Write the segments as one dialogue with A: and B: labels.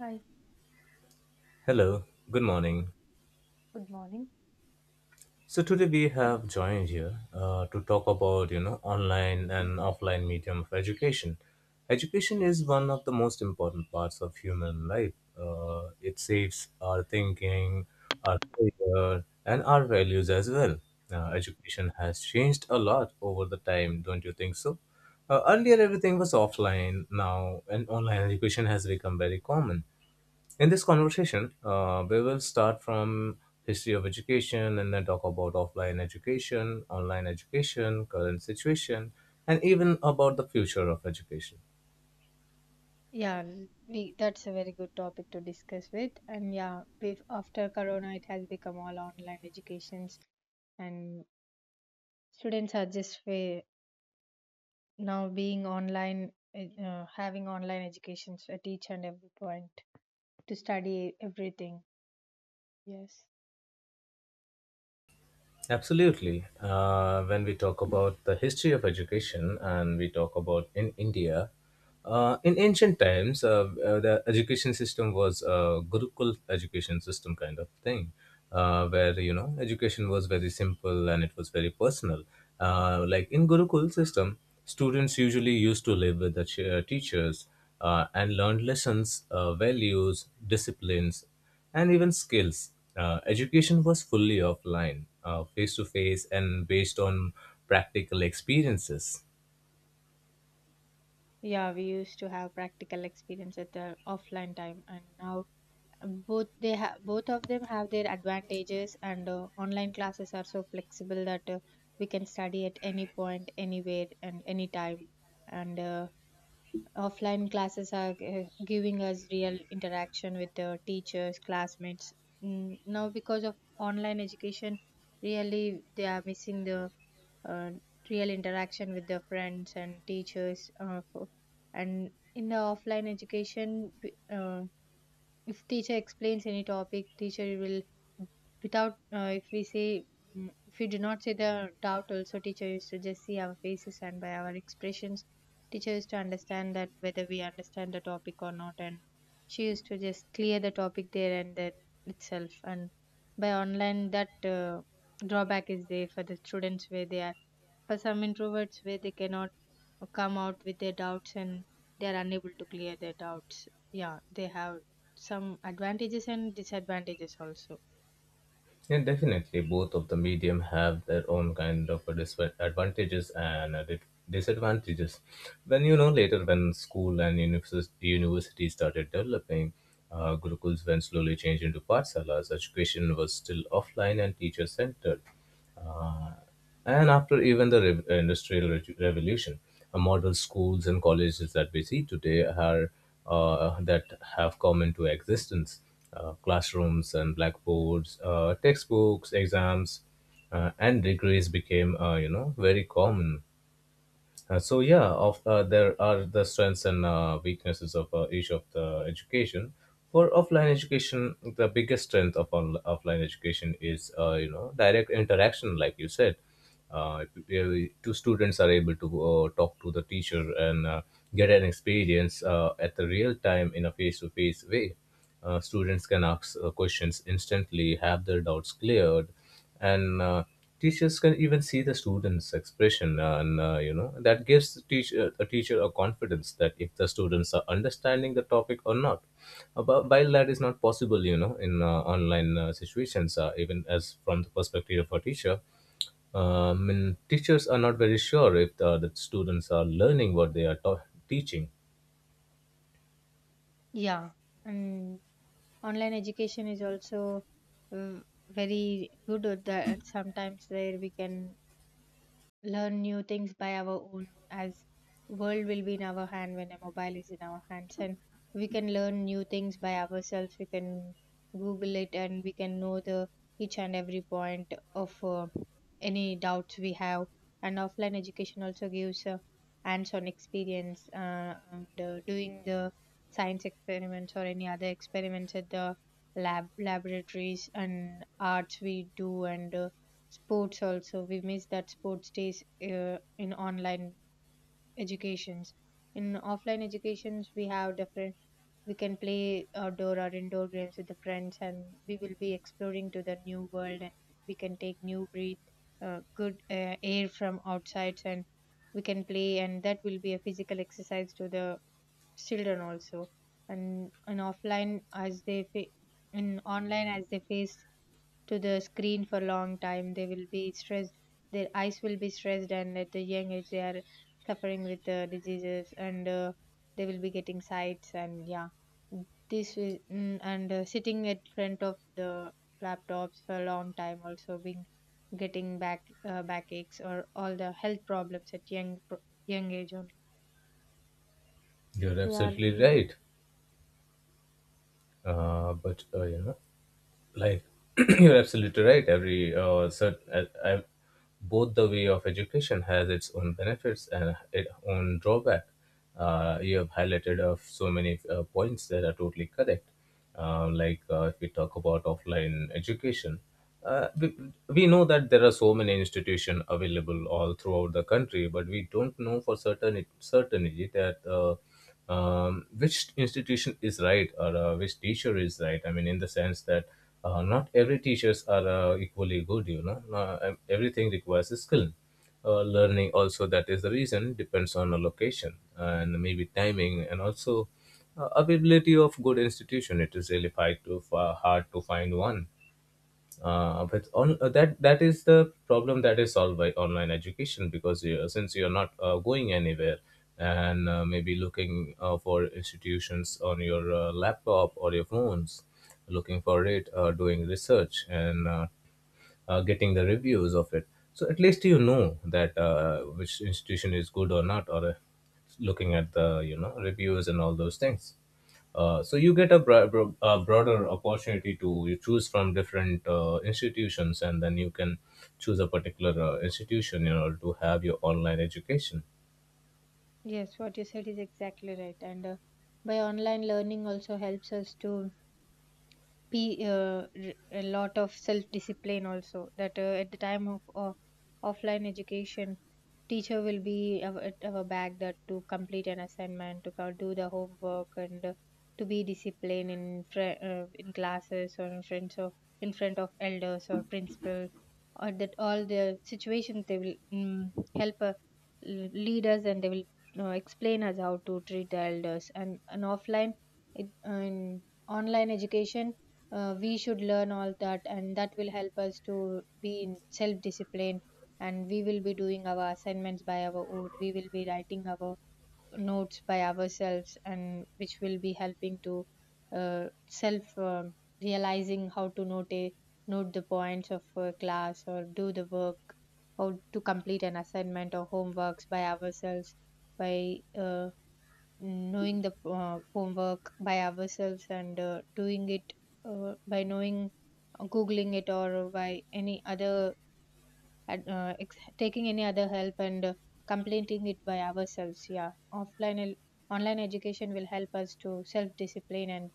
A: Hi,
B: Hello, good
A: hello,
B: morning.
A: good morning.
B: So today we have joined here to talk about you know online and offline medium of education. Education is one of the most important parts of human life. It saves our thinking, our career, and our values as well. Education has changed a lot over the time, don't you think so? Earlier everything was offline. Now, and online education has become very common in this conversation. We will start from history of education and then talk about offline education, online education, current situation, and even about the future of education.
A: Yeah, that's a very good topic to discuss with. And yeah, with after Corona, it has become all online educations, and students are now being online, having online educations at each and every point to study everything. Yes.
B: Absolutely. When we talk about the history of education and we talk about in India, in ancient times, the education system was a Gurukul education system kind of thing, where you know education was very simple and it was very personal. Like in Gurukul system, students usually used to live with the teachers and learn lessons, values, disciplines, and even skills. Education was fully offline, face to face, and based on practical experiences.
A: Yeah, we used to have practical experience at the offline time, and now both of them have their advantages and online classes are so flexible that we can study at any point, anywhere and anytime, and offline classes are giving us real interaction with teachers, classmates. Now, because of online education, really they are missing the uh, real interaction with their friends and teachers, and in the offline education, uh, if teacher explains any topic, teacher will, without if we say mm, if we do not say the doubt also, teacher used to just see our faces, and by our expressions teacher used to understand that whether we understand the topic or not, and she used to just clear the topic there and that itself. And by online, that drawback is there for the students, where they are, for some introverts, where they cannot come out with their doubts and they are unable to clear their doubts. Yeah, they have some advantages and disadvantages also.
B: Yeah, definitely, both of the medium have their own kind of a disadvantages and disadvantages. When you know later, when school and university started developing, Gurukuls then slowly changed into partsalas. Education was still offline and teacher centered. And after even the Industrial Revolution, model schools and colleges that we see today are that have come into existence. Classrooms and blackboards, textbooks, exams, and degrees became, you know, very common. So yeah, of there are the strengths and weaknesses of each of the education. For offline education, the biggest strength of offline education is you know direct interaction, like you said. If two students are able to talk to the teacher and get an experience at the real time in a face-to-face way. Students can ask questions instantly, have their doubts cleared, and teachers can even see the students' expression, and you know that gives the teacher a confidence that if the students are understanding the topic or not. But while that is not possible, you know, in online situations, even as from the perspective of a teacher, I mean, teachers are not very sure if the students are learning what they are teaching.
A: Yeah, and online education is also uh, very good at that sometimes, where we can learn new things by our own, as world will be in our hand when a mobile is in our hands, and we can learn new things by ourselves. We can google it and we can know the each and every point of any doubts we have. And offline education also gives hands-on experience, and doing the science experiments or any other experiments at the lab, laboratories, and arts we do. And sports also, we miss that, sports days in online educations. In offline educations we have different, we can play outdoor or indoor games with the friends, and we will be exploring to the new world, and we can take new breath, good air from outside, and we can play, and that will be a physical exercise to the children also. And in online, as they face to the screen for long time, they will be stressed, their eyes will be stressed, and at the young age they are suffering with diseases, and they will be getting sights. And yeah, this will mm, and sitting at front of the laptops for a long time also, being getting back, backaches or all the health problems at young age only.
B: You're
A: They are
B: absolutely
A: really.
B: right. But you know, like you're absolutely right. Both the way of education has its own benefits and its own drawback. You have highlighted of so many points that are totally correct. If we talk about offline education, uh, we, we know that there are so many institutions available all throughout the country, but we don't know for certainty that which institution is right or which teacher is right. I mean, in the sense that not every teachers are equally good. You know, not, everything requires a skill. Learning also, that is the reason, depends on the location and maybe timing and also availability of good institution. It is really hard to, hard to find one. Uh, but on uh, that that is the problem that is solved by online education, because you, since you're not going anywhere and maybe looking for institutions on your laptop or your phones, looking for it, doing research and getting the reviews of it. So at least you know that which institution is good or not, or looking at the you know reviews and all those things. So you get a, a broader opportunity to you choose from different institutions, and then you can choose a particular institution in order to have your online education.
A: Yes, what you said is exactly right. And by online learning also helps us to a lot of self discipline also, that at the time of offline education, teacher will be av- at our back, that to complete an assignment, to do the homework, and to be disciplined in classes, or in front of, in front of elders or principal, or that all the situations, they will help l- lead us, and they will explain us how to treat the elders. And an offline, in online education, we should learn all that, and that will help us to be in self discipline, and we will be doing our assignments by our own, we will be writing our notes by ourselves, and which will be helping to self realizing how to note the points of a class, or do the work, how to complete an assignment or homeworks by ourselves, by knowing the homework by ourselves and doing it, by knowing, googling it, or by any other taking any other help, and completing it by ourselves. Yeah, online education will help us to self discipline, and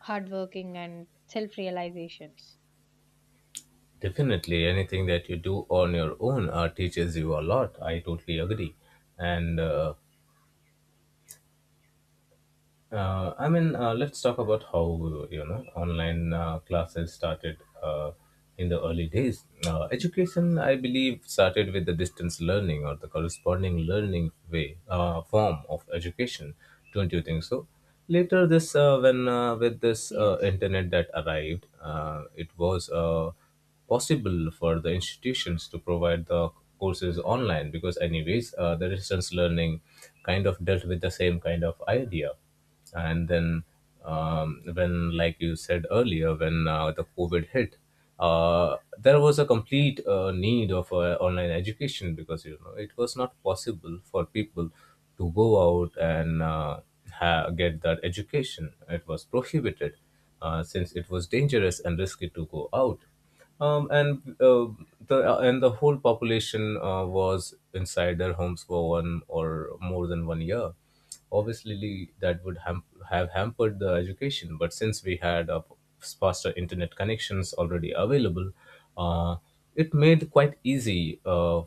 A: hard working, and self realizations.
B: Definitely, anything that you do on your own teaches you a lot. I totally agree, and. I mean, let's talk about how you know online classes started in the early days. Education, I believe, started with the distance learning or the corresponding learning way form of education. Don't you think so? Later, this when with this
A: Yes.
B: internet that arrived, it was possible for the institutions to provide the courses online because, anyways, the distance learning kind of dealt with the same kind of idea. And then um, when like you said earlier, when the covid hit, there was a complete need of online education because you know it was not possible for people to go out and get that education. It was prohibited, since it was dangerous and risky to go out. Um, and uh, the uh, and the whole population was inside their homes for one or more than 1 year. Obviously, that would have hampered the education, but since we had faster internet connections already available, uh, it made quite easy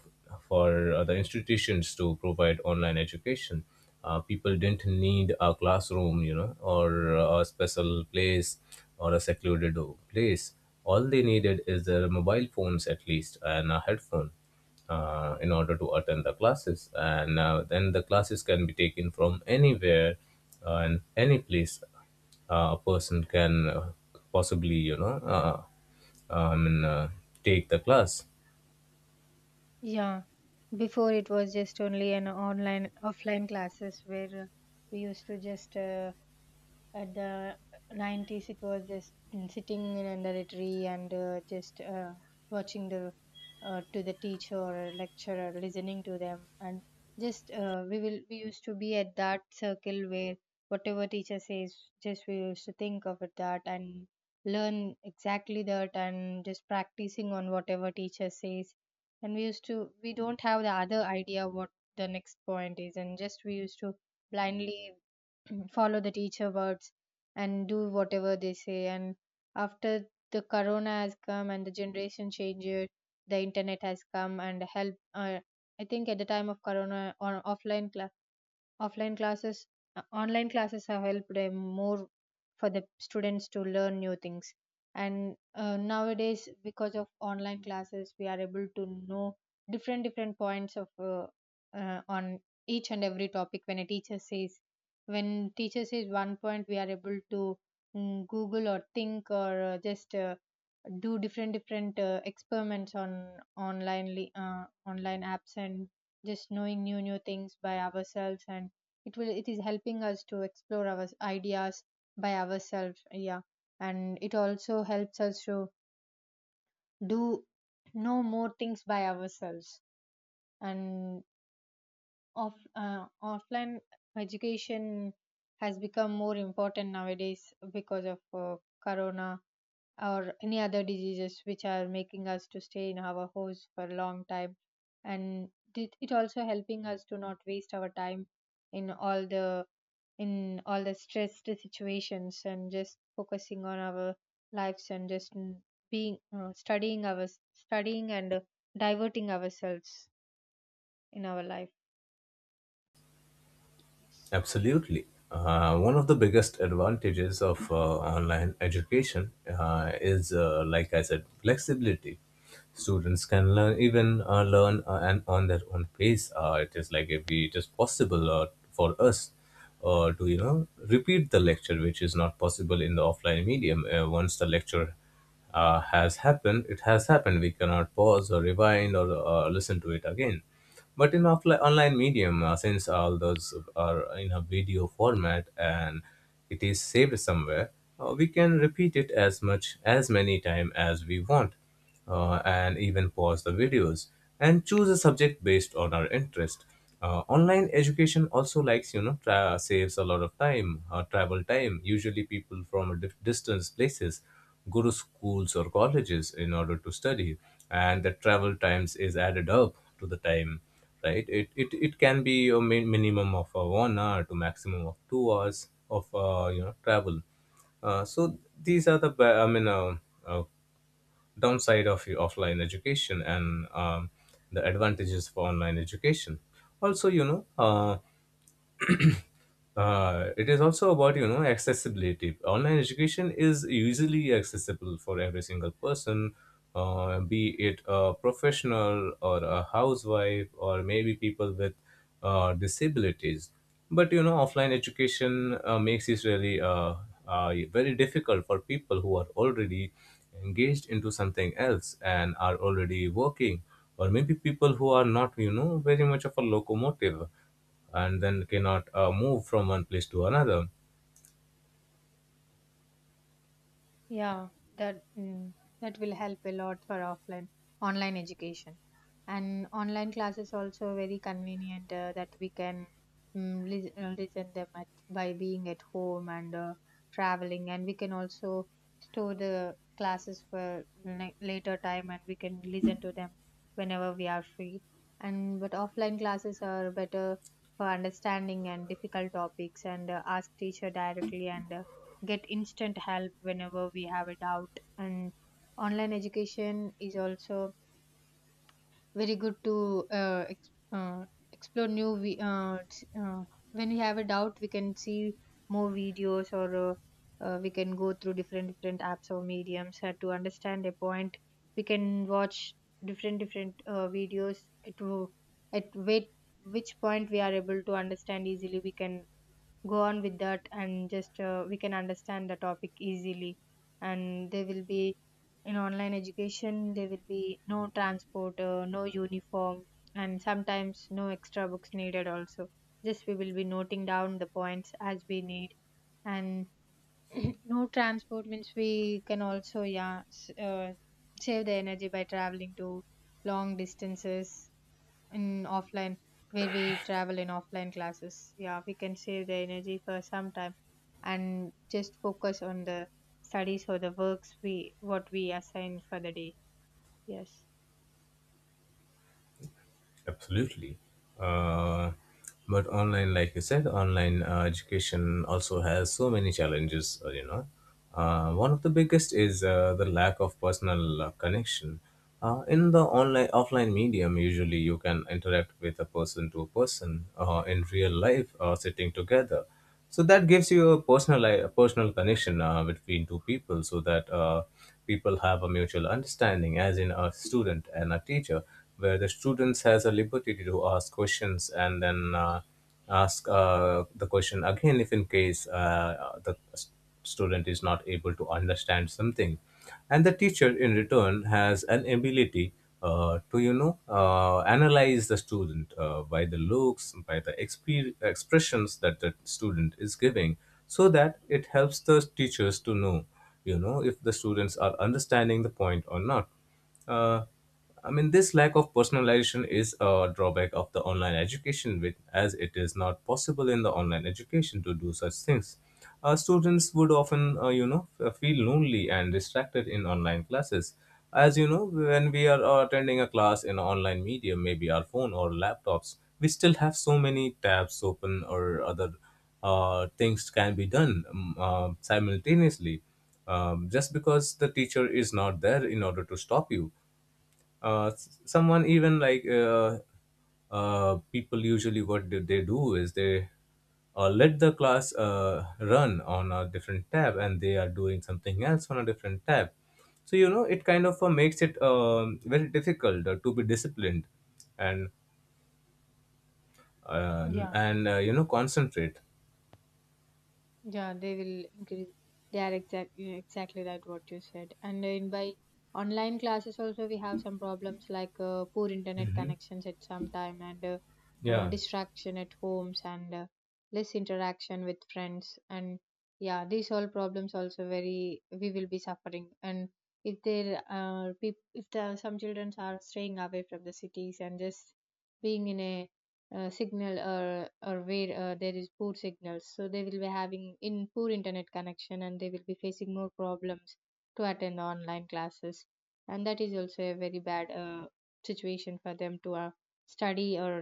B: for the institutions to provide online education. People didn't need a classroom, you know, or a special place or a secluded place. All they needed is their mobile phones, at least, and a headphone in order to attend the classes, and then the classes can be taken from anywhere and any place. A person can possibly you know I mean, take the class.
A: Yeah, before it was just only an online, offline classes, where we used to just at the 90s it was just sitting in under a tree, and just watching the to the teacher or lecturer, listening to them. And just we used to be at that circle, where whatever teacher says, just we used to think of it that, and learn exactly that, and just practicing on whatever teacher says. And we used to we don't have the other idea what the next point is, and just we used to blindly follow the teacher words, and do whatever they say. And after the corona has come and the generation changes, the internet has come and help. I think at the time of corona, on offline classes online classes have helped more for the students to learn new things. And nowadays, because of online classes, we are able to know different different points of on each and every topic. When a teacher says when teacher says one point, we are able to google, or think, or just do different different experiments on online online apps, and just knowing new new things by ourselves. And it will, it is helping us to explore our ideas by ourselves. Yeah. And it also helps us to do know more things by ourselves. And offline education has become more important nowadays, because of corona, or any other diseases, which are making us to stay in our house for a long time. And it also helping us to not waste our time in all the in all the stressed situations, and just focusing on our lives, and just mm, being studying our studying, and diverting ourselves in our life.
B: Absolutely. One of the biggest advantages of online education is, like I said, flexibility. Students can learn, even learn and on their own pace. It is like, if we- it is possible for us to, you know, repeat the lecture, which is not possible in the offline medium. Once the lecture has happened, it has happened. We cannot pause or rewind or listen to it again. But in offline online medium, since all those are in a video format and it is saved somewhere, we can repeat it as much as many time as we want and even pause the videos and choose a subject based on our interest. Online education also likes you know saves a lot of time, travel time. Usually, people from a distance places go to schools or colleges in order to study, and the travel times is added up to the time. Right, it can be a minimum of 1 hour to maximum of 2 hours of you know travel. So these are the I mean uh, downside of your offline education and the advantages of online education. Also you know it is also about you know accessibility. Online education is usually accessible for every single person, be it a professional or a housewife or maybe people with disabilities. But you know offline education makes it really very difficult for people who are already engaged into something else and are already working, or maybe people who are not you know very much of a locomotive and then cannot move from one place to another.
A: Yeah, that mm, that will help a lot for offline, online education. And online classes also very convenient, that we can listen them at, by being at home, and traveling, and we can also store the classes for later time, and we can listen to them whenever we are free. And but offline classes are better for understanding and difficult topics, and ask teacher directly, and get instant help whenever we have a doubt. And online education is also very good to explore new when we have a doubt, we can see more videos, or we can go through different different apps or mediums to understand a point. We can watch different different videos at, at wait, which point we are able to understand easily, we can go on with that, and just we can understand the topic easily. And there will be, in online education there will be no transport, no uniform, and sometimes no extra books needed also, just we will be noting down the points as we need. And no transport means we can also, yeah, save the energy by traveling to long distances, in offline, where we travel in offline classes. Yeah, we can save the energy for some time, and just focus on the studies, or the works we what we assign for the day. Yes.
B: Absolutely. Uh, but online, like you said, online education also has so many challenges, you know. One of the biggest is the lack of personal connection. In the online offline medium, usually you can interact with a person to a person in real life, sitting together. So that gives you a personal connection between two people so that people have a mutual understanding as in a student and a teacher, where the students has a liberty to ask questions and then ask the question again if in case the student is not able to understand something. And the teacher in return has an ability to you know analyze the student by the looks, by the expressions that the student is giving, so that it helps the teachers to know you know if the students are understanding the point or not. uh, I mean, this lack of personalization is a drawback of the online education, with, as it is not possible in the online education to do such things. Students would often, you know, feel lonely and distracted in online classes. As you know, when we are attending a class in online media, maybe our phone or laptops, we still have so many tabs open or other things can be done simultaneously just because the teacher is not there in order to stop you. S- someone even like People usually what do they do is they let the class run on a different tab and they are doing something else on a different tab. So you know it kind of makes it very difficult to be disciplined and
A: Yeah.
B: you know concentrate.
A: Yeah, they will increase. They are exactly that what you said. And in by online classes also we have some problems, like poor internet
B: Hmm.
A: connections at some time, and
B: Yeah.
A: distraction at homes, and less interaction with friends. And yeah, these all problems also, very we will be suffering. And if there are some children are staying away from the cities and just being in a signal or where there is poor signals, so they will be having in poor internet connection and they will be facing more problems to attend online classes, and that is also a very bad situation for them to study or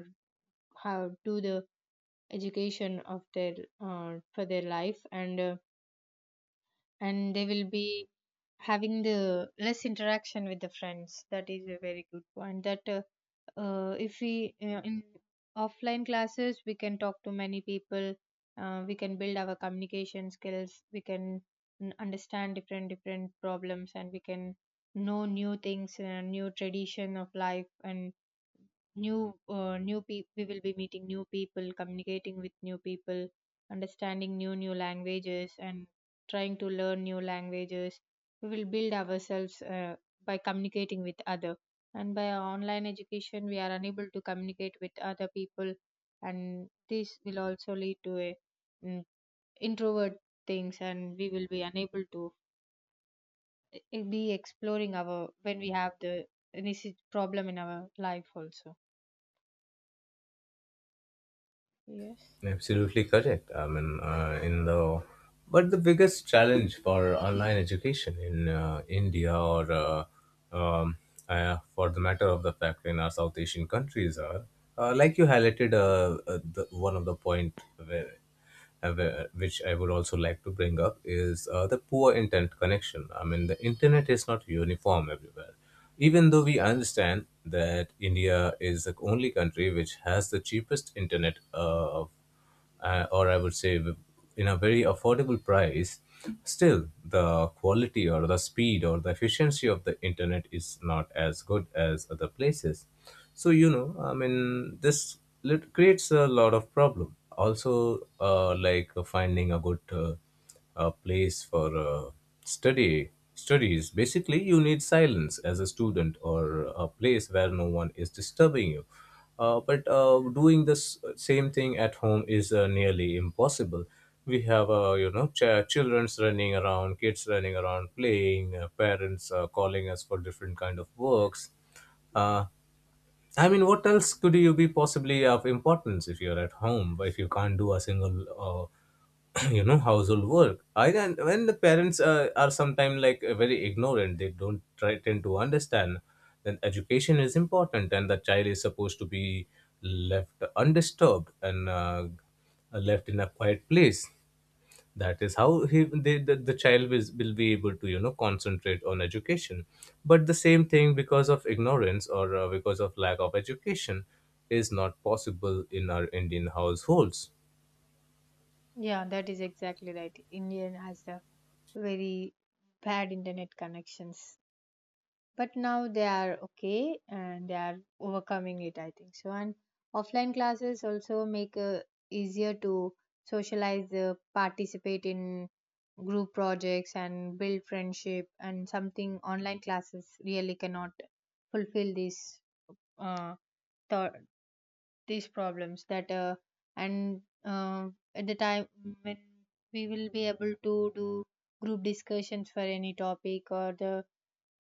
A: how do the education of their for their life, and and they will be having the less interaction with the friends. That is a very good point that if we in offline classes we can talk to many people. We can build our communication skills, we can understand different different problems, and we can know new things, new tradition of life, and new new people. We will be meeting new people, communicating with new people, understanding new new languages, and trying to learn new languages. We will build ourselves by communicating with other, and by online education we are unable to communicate with other people, and this will also lead to a mm, introvert things, and we will be unable to be exploring our when we have the any problem in our life also. Yes.
B: Absolutely correct. I mean, in the but the biggest challenge for online education in India, or um, for the matter of the fact in our South Asian countries are like you highlighted, one of the point where which I would also like to bring up is the poor internet connection. I mean, the internet is not uniform everywhere. Even though we understand that India is the only country which has the cheapest internet, or I would say, in a very affordable price, still the quality or the speed or the efficiency of the internet is not as good as other places. So you know, I mean, creates a lot of problem. Also, like finding a good a place for study studies. Basically you need silence as a student or a place where no one is disturbing you, but doing this same thing at home is nearly impossible. We have you know children's running around, kids running around playing, parents calling us for different kind of works. Uh, I mean, what else could you be possibly of importance if you're at home, if you can't do a single, you know, household work? I can, when the parents are sometimes like very ignorant, they don't try, tend to understand then education is important and the child is supposed to be left undisturbed and left in a quiet place. That is how the child will be able to you know concentrate on education, but the same thing, because of ignorance or because of lack of education, is not possible in our indian households.
A: Yeah, that is exactly right. Indian has a very bad internet connections. But now they are okay and they are overcoming it, I think. So, and offline classes also make easier to socialize, participate in group projects and build friendship, and something online classes really cannot fulfill these uh, th- these problems that and at the time when we will be able to do group discussions for any topic or the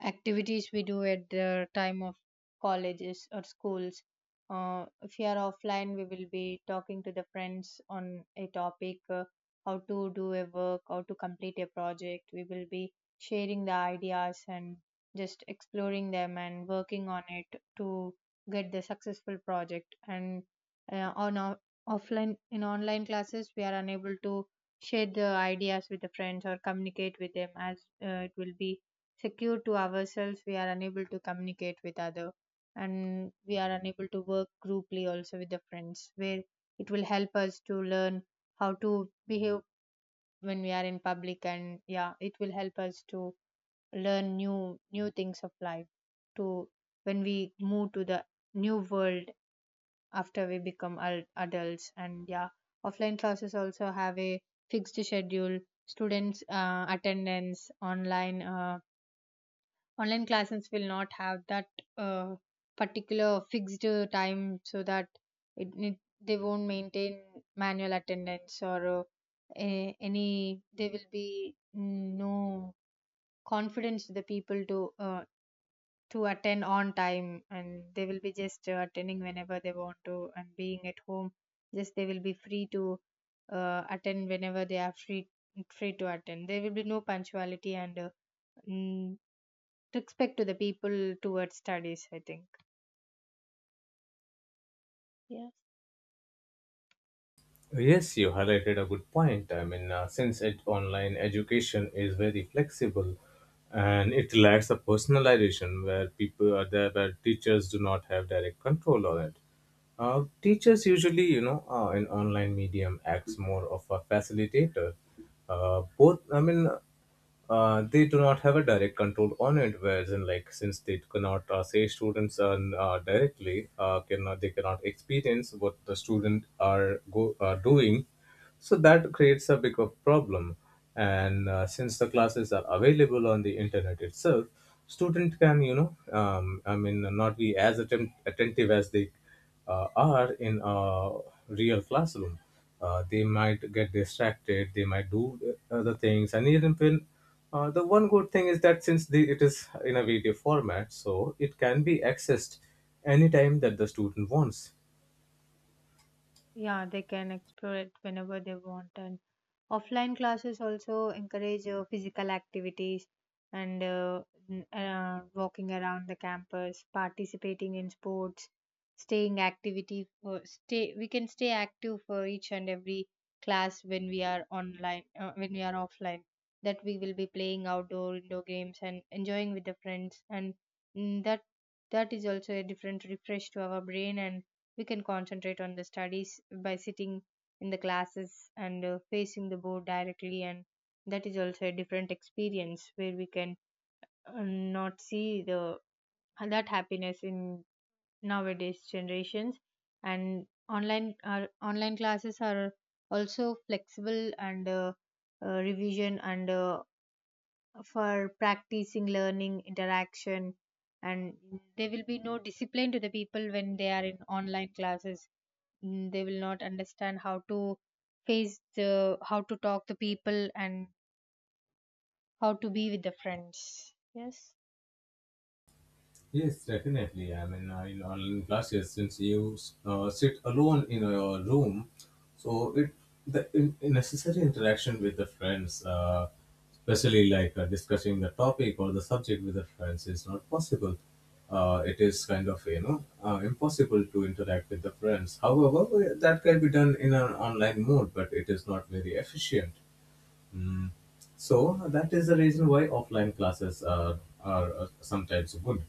A: activities we do at the time of colleges or schools. If you are offline, we will be talking to the friends on a topic, how to do a work, how to complete a project. We will be sharing the ideas and just exploring them and working on it to get the successful project. And on our offline in online classes, we are unable to share the ideas with the friends or communicate with them as it will be secure to ourselves. We are unable to communicate with other, and we are unable to work grouply also with the friends, where it will help us to learn how to behave when we are in public. And yeah, it will help us to learn new new things of life to when we move to the new world after we become adults. And yeah, offline classes also have a fixed schedule. Students attendance online, online classes will not have that uh, particular fixed time, so that it they won't maintain manual attendance or any there will be no confidence to the people to attend on time, and they will be just attending whenever they want to, and being at home just they will be free to attend whenever they are free, free to attend. There will be no punctuality and mm, respect to the people towards studies, I think. Yeah.
B: Yes, you highlighted a good point. I mean, since online education is very flexible and it lacks a personalization where people are there, where teachers do not have direct control on it. Teachers usually, you know, in online medium acts more of a facilitator. Both, I mean, they do not have a direct control on it. Whereas in like since they cannot say students are directly cannot experience what the student are go are doing, so that creates a big of problem. And since the classes are available on the internet itself, student can you know I mean not be as attentive as they are in a real classroom. They might get distracted, they might do other things, and even when the one good thing is that it is in a video format, so it can be accessed anytime that the student wants.
A: Yeah, they can explore it whenever they want. And offline classes also encourage physical activities and walking around the campus, participating in sports, staying activity for stay. We can stay active for each and every class when we are online, when we are offline. That we will be playing outdoor indoor games and enjoying with the friends, and that that is also a different refresh to our brain, and we can concentrate on the studies by sitting in the classes and facing the board directly. And that is also a different experience where we can not see the that happiness in nowadays generations. And online classes are also flexible and revision and for practicing learning interaction, and there will be no discipline to the people when they are in online classes. Mm, they will not understand how to face the how to talk to people and how to be with the friends. Yes.
B: Yes, definitely. I mean, in online classes, since you sit alone in your room, so it the in necessary interaction with the friends, especially like discussing the topic or the subject with the friends, is not possible. It is kind of you know impossible to interact with the friends. However, that can be done in an online mode, but it is not very efficient. Mm. So that is the reason why offline classes are sometimes good.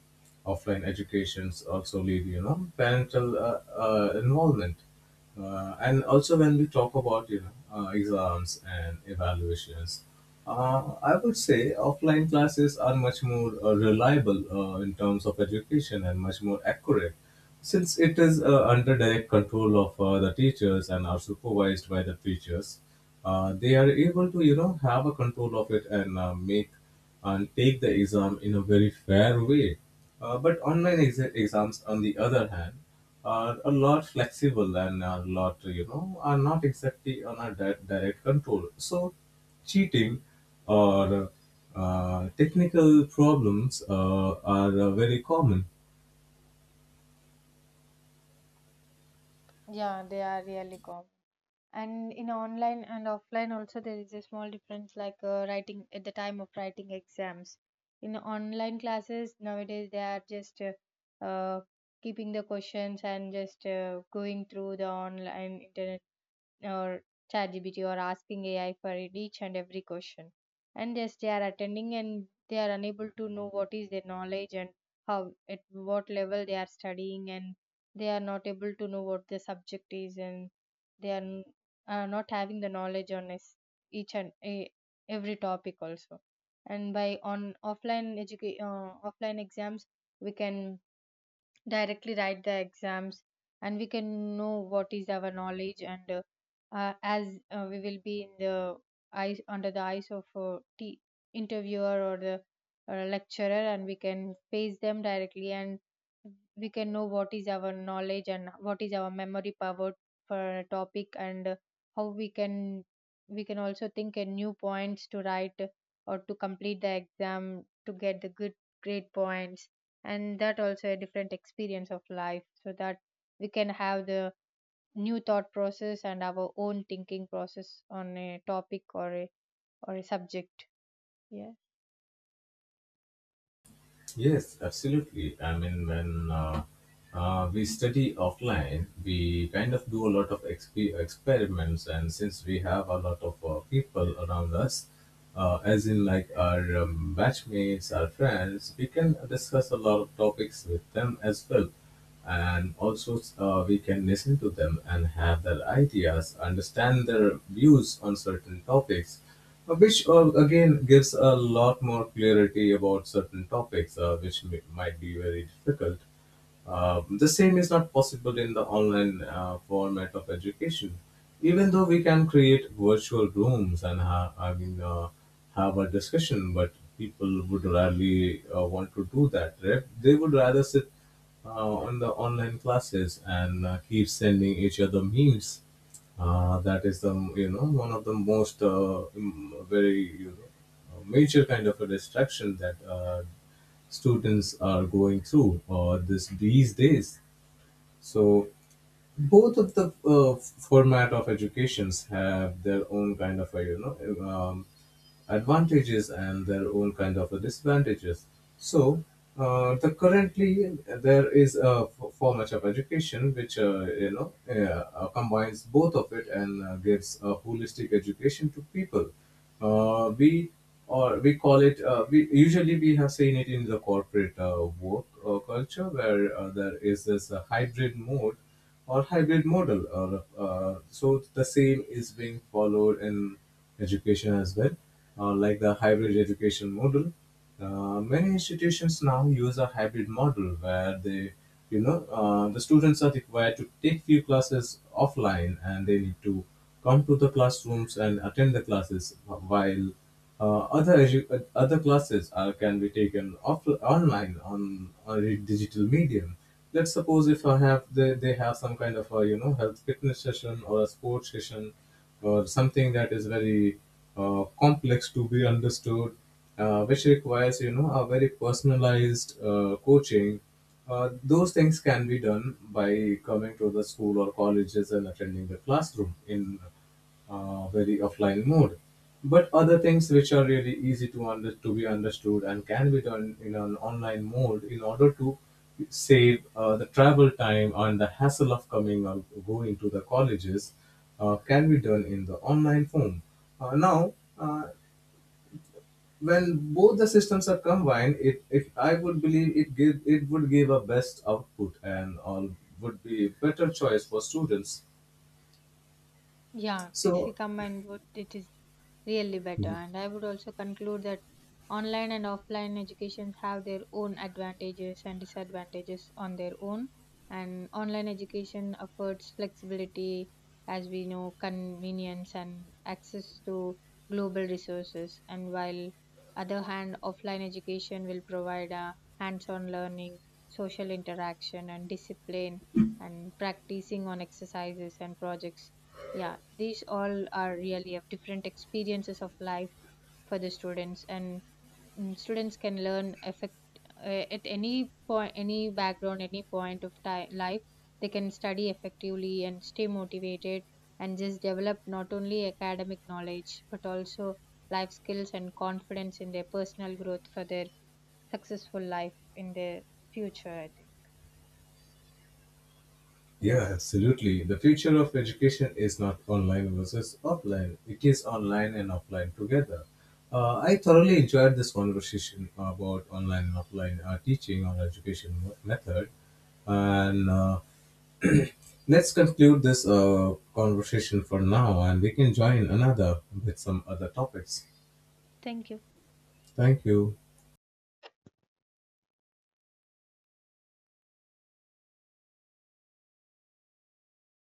B: Offline educations also lead, you know, parental involvement, and also when we talk about you know exams and evaluations, I would say offline classes are much more reliable in terms of education and much more accurate, since it is under direct control of the teachers and are supervised by the teachers. They are able to you know have a control of it and make and take the exam in a very fair way. But online exams on the other hand are a lot flexible and a lot you know are not exactly on a direct control, so cheating or technical problems are very common.
A: Yeah, they are really common. And in online and offline also there is a small difference like writing at the time of writing exams. In online classes nowadays they are just keeping the questions and just going through the online internet or ChatGPT or asking AI for each and every question. And yes, they are attending, and they are unable to know what is their knowledge and how at what level they are studying, and they are not able to know what the subject is, and they are n- are not having the knowledge on each and e- every topic also. And by offline exams, we can directly write the exams and we can know what is our knowledge, and as we will be in the eyes under the eyes of a interviewer or the lecturer, and we can face them directly, and we can know what is our knowledge and what is our memory power for a topic, and how we can also think a new points to write or to complete the exam to get the good grade points. And that also a different experience of life, so that we can have the new thought process and our own thinking process on a topic or a subject. Yeah.
B: Yes, absolutely. I mean, when we study offline, we kind of do a lot of experiments, and since we have a lot of people around us, as in like our batchmates, our friends, we can discuss a lot of topics with them as well, and also we can listen to them and have their ideas, understand their views on certain topics, which again gives a lot more clarity about certain topics, which might be very difficult. The same is not possible in the online format of education. Even though we can create virtual rooms and I mean have a discussion, but people would rarely want to do that. Right? They would rather sit uh, on the online classes and keep sending each other memes. That is the you know one of the most very you know major kind of a distraction that students are going through this these days. So both of the format of educations have their own kind of like you know advantages and their own kind of disadvantages. So the currently there is a format of education which you know combines both of it and gives a holistic education to people. uh, we we call it, we usually we have seen it in the corporate work culture where there is this hybrid mode or hybrid model, or so the same is being followed in education as well, like the hybrid education model. Many institutions now use a hybrid model where they you know the students are required to take few classes offline and they need to come to the classrooms and attend the classes, while other classes are can be taken off online on a digital medium. Let's suppose if they have some kind of a you know health fitness session or a sports session or something that is very complex to be understood, which requires you know a very personalized coaching. Those things can be done by coming to the school or colleges and attending the classroom in very offline mode. But other things which are really easy to under to be understood and can be done in an online mode in order to save the travel time and the hassle of coming or going to the colleges can be done in the online form. Uh, now, uh, when both the systems are combined, it I would believe it would give a best output and all would be better choice for students.
A: Yeah, if we
B: So
A: combine both, it is really better. And I would also conclude that online and offline education have their own advantages and disadvantages on their own. And online education affords flexibility, as we know, convenience and access to global resources. And while other hand, offline education will provide a hands-on learning, social interaction, and discipline, and practicing on exercises and projects. Yeah, these all are really of different experiences of life for the students. And students can learn effect at any point, any background, any point of time life they can study effectively and stay motivated, and just develop not only academic knowledge but also life skills and confidence in their personal growth for their successful life in their future, I think.
B: yeah,
A: Yes.
B: absolutely. The future of education is not online versus offline, it is online and offline together. I thoroughly enjoyed this conversation about online and offline teaching or education method. And let's conclude this conversation for now, and we can join another with some other topics.
A: Thank you.
B: Thank you.